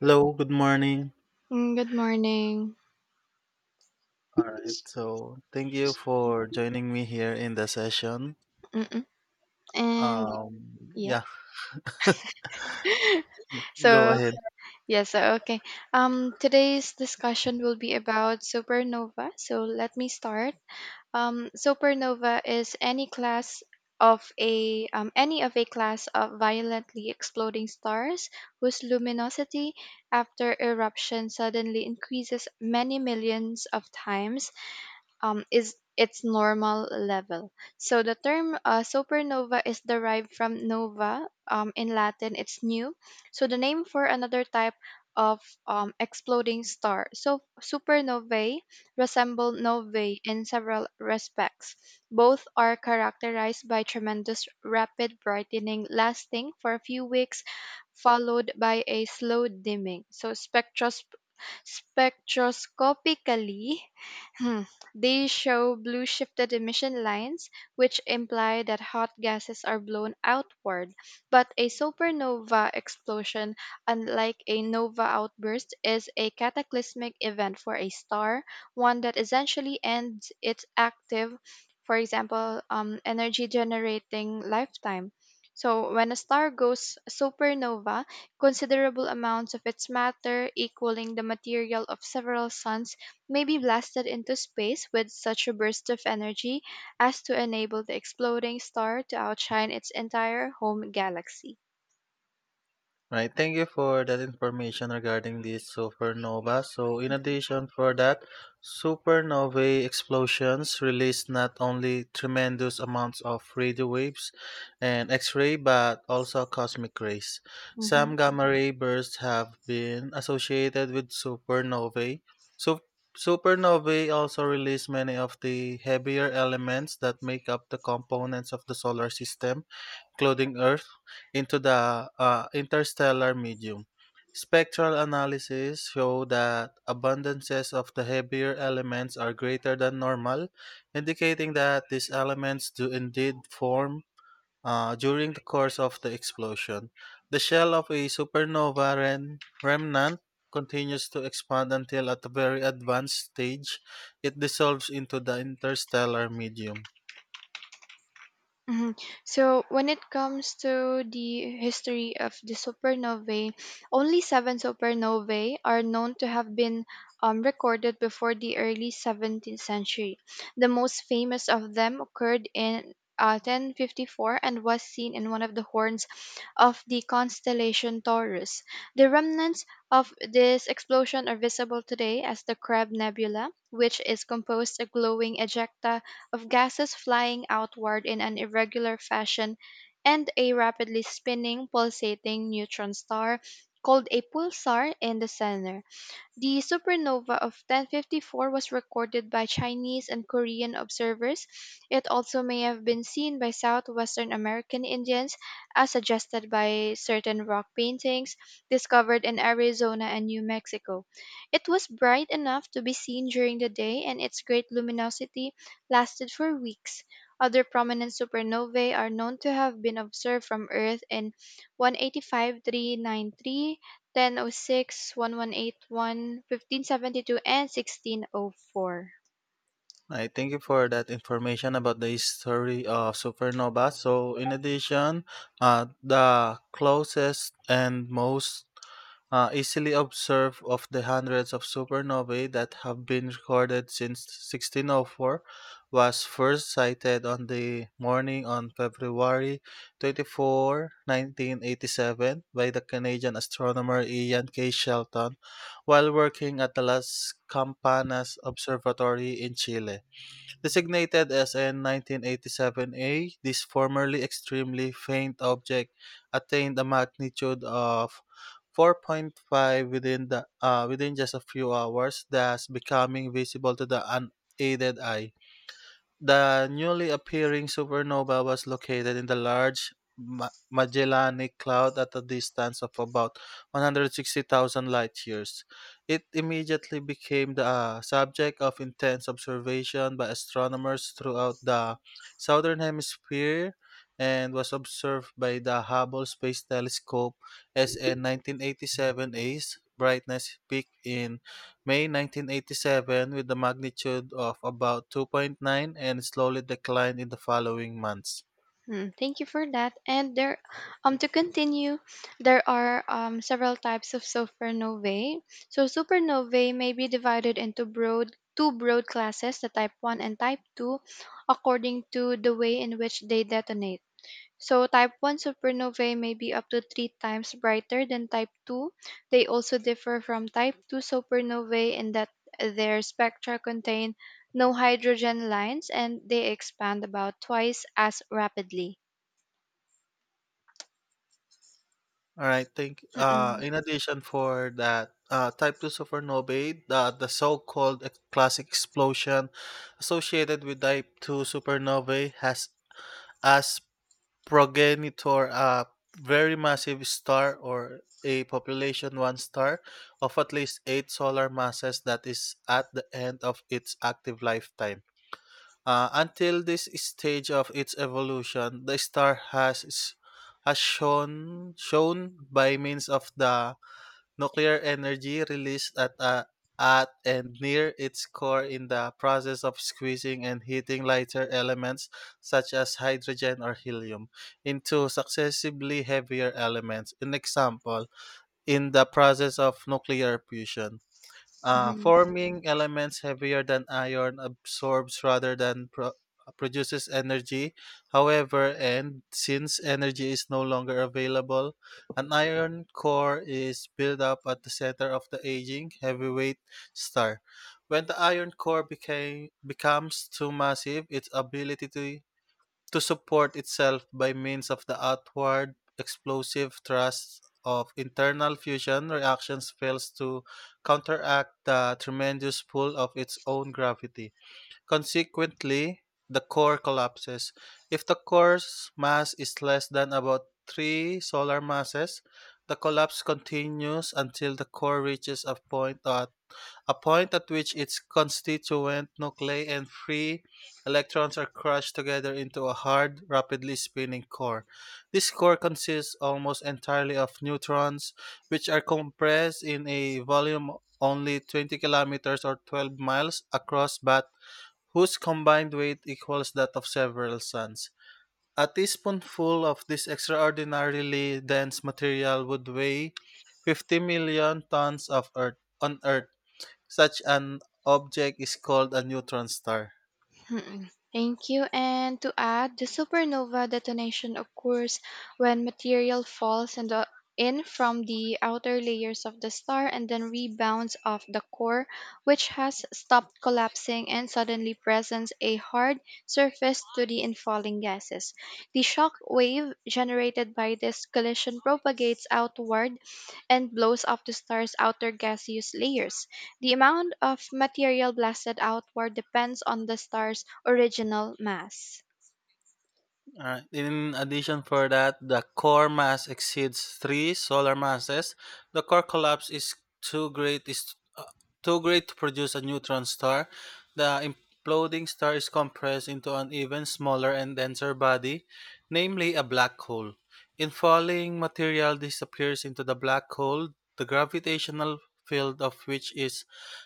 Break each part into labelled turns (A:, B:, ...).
A: Hello, good morning.
B: Good morning.
A: All right, so thank you for joining me here in the session.
B: Mm-mm. And
A: Um,
B: yeah.
A: yeah, go
B: So,
A: ahead.
B: yeah, so okay. Today's discussion will be about supernova. So, let me start. Supernova is any of a class of violently exploding stars whose luminosity after eruption suddenly increases many millions of times is its normal level. So the term supernova is derived from nova. In Latin, it's new. So the name for another type of exploding star. So supernovae resemble novae in several respects. Both are characterized by tremendous rapid brightening lasting for a few weeks, followed by a slow dimming. So spectroscopically, Hmm. They show blue shifted emission lines, which imply that hot gases are blown outward. But a supernova explosion, unlike a nova outburst, is a cataclysmic event for a star, one that essentially ends its active, for example, energy generating lifetime. So, when a star goes supernova, considerable amounts of its matter, equaling the material of several suns, may be blasted into space with such a burst of energy as to enable the exploding star to outshine its entire home galaxy.
A: Right, thank you for that information regarding these supernova. So, in addition for that, supernovae explosions release not only tremendous amounts of radio waves and X-ray, but also cosmic rays.
B: Mhm.
A: Some gamma ray bursts have been associated with supernovae. So, supernovae also release many of the heavier elements that make up the components of the solar system, clouding Earth into the interstellar medium. Spectral analysis show that abundances of the heavier elements are greater than normal, indicating that these elements do indeed form during the course of the explosion. The shell of a supernova remnant continues to expand until, at a very advanced stage, it dissolves into the interstellar medium.
B: Mhm. So when it comes to the history of the supernovae, only seven supernovae are known to have been recorded before the early 17th century. The most famous of them occurred in 1054 and was seen in one of the horns of the constellation Taurus. The remnants of this explosion are visible today as the Crab Nebula, which is composed of glowing ejecta of gases flying outward in an irregular fashion, and a rapidly spinning, pulsating neutron star, called a pulsar, in the center. The supernova of 1054 was recorded by Chinese and Korean observers. It also may have been seen by southwestern American Indians, as suggested by certain rock paintings discovered in Arizona and New Mexico. It was bright enough to be seen during the day, and its great luminosity lasted for weeks. Other prominent supernovae are known to have been observed from Earth in 185 393, 1006, 1181, 1572, and 1604.
A: I thank you for that information about the history of supernova. So, in addition, the closest and most easily observed of the hundreds of supernovae that have been recorded since 1604 was first sighted on the morning on February 24, 1987, by the Canadian astronomer Ian K. Shelton while working at the Las Campanas Observatory in Chile. Designated as an 1987A, this formerly extremely faint object attained a magnitude of 4.5 within just a few hours, thus becoming visible to the unaided eye. The newly appearing supernova was located in the large Magellanic Cloud at a distance of about 160,000 light years. It immediately became the subject of intense observation by astronomers throughout the southern hemisphere and was observed by the Hubble Space Telescope. SN 1987A's brightness peak in May 1987 with a magnitude of about 2.9 and slowly declined in the following months.
B: Hmm, thank you for that. And there, to continue, there are several types of supernovae. So supernovae may be divided into broad two broad classes, the type one and type two, according to the way in which they detonate. So type 1 supernovae may be up to 3 times brighter than type 2. They also differ from type 2 supernovae in that their spectra contain no hydrogen lines and they expand about twice as rapidly.
A: All right, thank
B: Mm-mm.
A: in addition for that, type 2 supernovae, the so-called classic explosion associated with type 2 supernovae, has as progenitor a very massive star, or a population one star, of at least 8 solar masses that is at the end of its active lifetime. Until this stage of its evolution, the star has shown by means of the nuclear energy released at and near its core, in the process of squeezing and heating lighter elements such as hydrogen or helium into successively heavier elements. An example in the process of nuclear fusion.
B: Mhm.
A: Forming elements heavier than iron absorbs, rather than produces, energy. However, and since energy is no longer available, an iron core is built up at the center of the aging heavyweight star. When the iron core became becomes too massive, its ability to support itself by means of the outward explosive thrust of internal fusion reactions fails to counteract the tremendous pull of its own gravity. Consequently, the core collapses. If the core's mass is less than about 3 solar masses, the collapse continues until the core reaches a point at which its constituent nuclei and free electrons are crushed together into a hard, rapidly spinning core. This core consists almost entirely of neutrons, which are compressed in a volume only 20 kilometers or 12 miles across, but whose combined weight equals that of several suns. A teaspoonful of this extraordinarily dense material would weigh 50 million tons of Earth on Earth. Such an object is called a neutron star.
B: Mm-mm. Thank you. And to add, the supernova detonation occurs when material falls in, in from the outer layers of the star and then rebounds off the core, which has stopped collapsing and suddenly presents a hard surface to the infalling gases. The shock wave generated by this collision propagates outward and blows up the star's outer gaseous layers. The amount of material blasted outward depends on the star's original mass.
A: Alright, in addition for that, the core mass exceeds 3 solar masses. The core collapse is too great is uh, too great to produce a neutron star. The imploding star is compressed into an even smaller and denser body, namely a black hole. In falling, material disappears into the black hole, the gravitational field of which is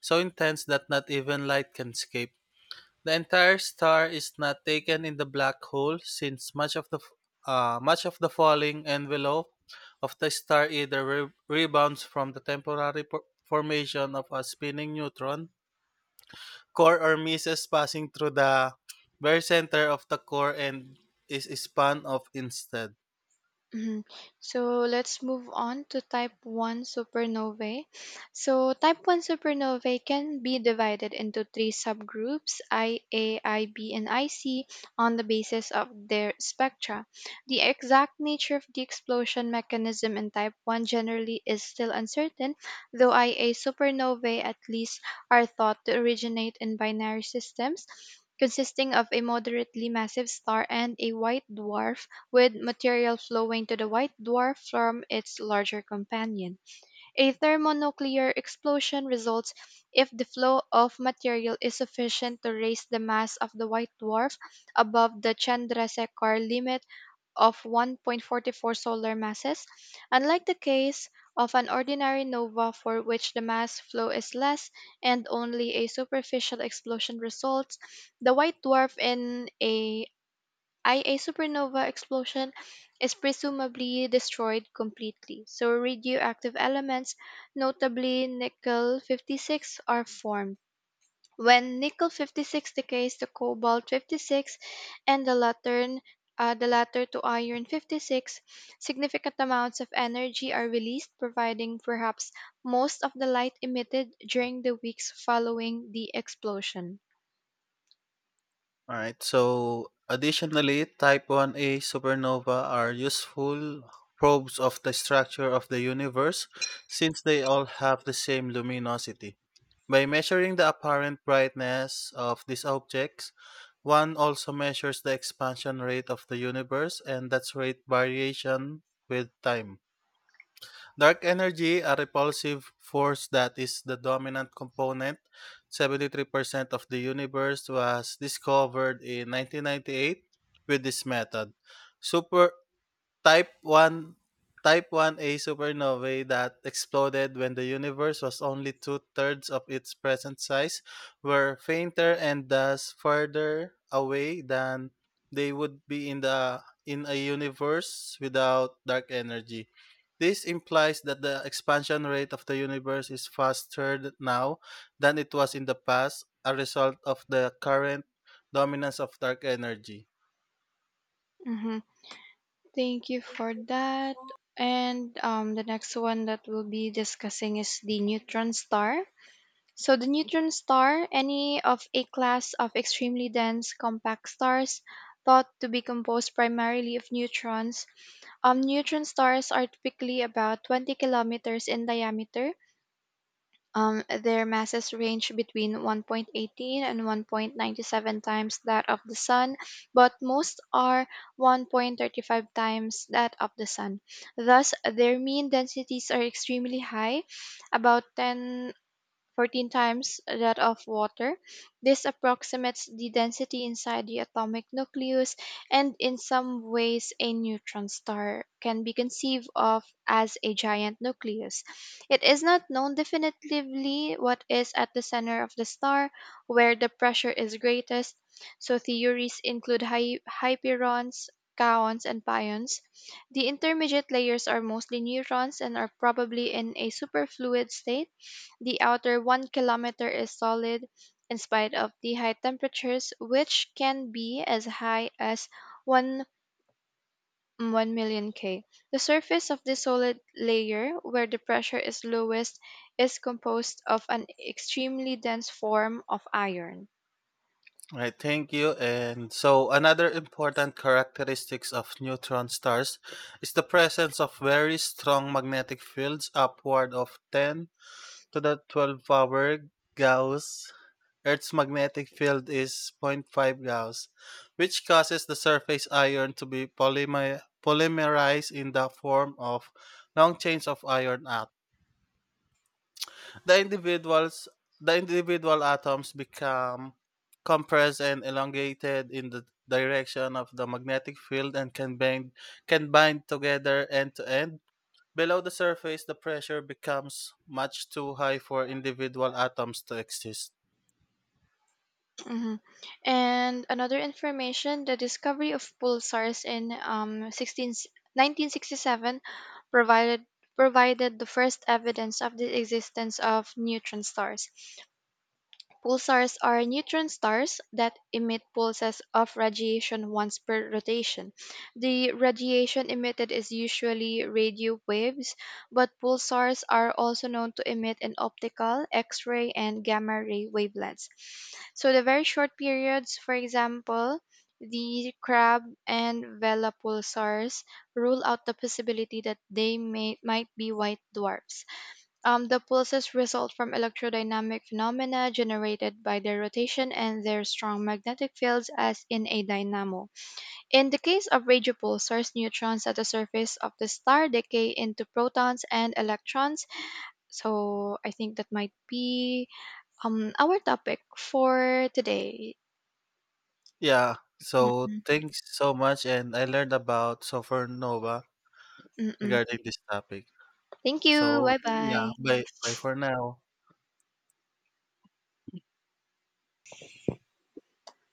A: so intense that not even light can escape. The entire star is not taken in the black hole, since much of the falling envelope of the star either rebounds from the temporary formation of a spinning neutron core, or misses, passing through the very center of the core, and is spun off instead.
B: Mhm. So let's move on to type 1 supernovae. So type 1 supernovae can be divided into three subgroups IA, IB, and IC on the basis of their spectra. The exact nature of the explosion mechanism in type 1 generally is still uncertain, though IA supernovae at least are thought to originate in binary systems, consisting of a moderately massive star and a white dwarf with material flowing to the white dwarf from its larger companion. A thermonuclear explosion results if the flow of material is sufficient to raise the mass of the white dwarf above the Chandrasekhar limit of 1.44 solar masses. Unlike the case of an ordinary nova, for which the mass flow is less and only a superficial explosion results, the white dwarf in a I, a supernova explosion is presumably destroyed completely, so radioactive elements, notably nickel 56, are formed. When nickel 56 decays to cobalt 56, and the latter to iron 56, significant amounts of energy are released, providing perhaps most of the light emitted during the weeks following the explosion.
A: Alright, so additionally, type 1a supernova are useful probes of the structure of the universe, since they all have the same luminosity. By measuring the apparent brightness of these objects, one also measures the expansion rate of the universe and that's rate variation with time. Dark energy, a repulsive force that is the dominant component, 73% of the universe, was discovered in 1998 with this method. Super Type 1 Type 1a supernovae that exploded when the universe was only two-thirds of its present size were fainter, and thus further away, than they would be in a universe without dark energy. This implies that the expansion rate of the universe is faster now than it was in the past, a result of the current dominance of dark energy.
B: Mhm. Thank you for that. And the next one that we'll be discussing is the neutron star. So, the neutron star, any of a class of extremely dense compact stars thought to be composed primarily of neutrons. Neutron stars are typically about 20 kilometers in diameter, their masses range between 1.18 and 1.97 times that of the Sun, but most are 1.35 times that of the Sun. Thus, their mean densities are extremely high, about 10 14 times that of water. This approximates the density inside the atomic nucleus, and in some ways, a neutron star can be conceived of as a giant nucleus. It is not known definitively what is at the center of the star, where the pressure is greatest, so theories include hyperons, kaons, and pions. The intermediate layers are mostly neutrons and are probably in a superfluid state. The outer 1 kilometer is solid, in spite of the high temperatures, which can be as high as 1 1,000,000 K. The surface of the solid layer, where the pressure is lowest, is composed of an extremely dense form of iron.
A: Right, thank you. And so, another important characteristics of neutron stars is the presence of very strong magnetic fields, upward of 10 to the 12 power Gauss. Earth's magnetic field is zero point 0.5 Gauss, which causes the surface iron to be polymerized in the form of long chains of iron. The individuals the individual atoms become compressed and elongated in the direction of the magnetic field, and can bind together end to end. Below the surface, the pressure becomes much too high for individual atoms to exist.
B: Mhm. And another information, the discovery of pulsars in sixteen 1967 provided provided the first evidence of the existence of neutron stars. Pulsars are neutron stars that emit pulses of radiation once per rotation. The radiation emitted is usually radio waves, but pulsars are also known to emit in optical, X ray, and gamma ray wavelengths. So, the very short periods, for example, the Crab and Vela pulsars, rule out the possibility that they may, might be white dwarfs. The pulses result from electrodynamic phenomena generated by their rotation and their strong magnetic fields, as in a dynamo. In the case of radio pulsars, neutrons at the surface of the star decay into protons and electrons. So I think that might be our topic for today.
A: Yeah. So
B: Mm-mm,
A: thanks so much, and I learned about supernova
B: mm-mm.
A: regarding this topic.
B: Thank you.
A: So
B: Bye
A: yeah,
B: bye.
A: bye bye for now.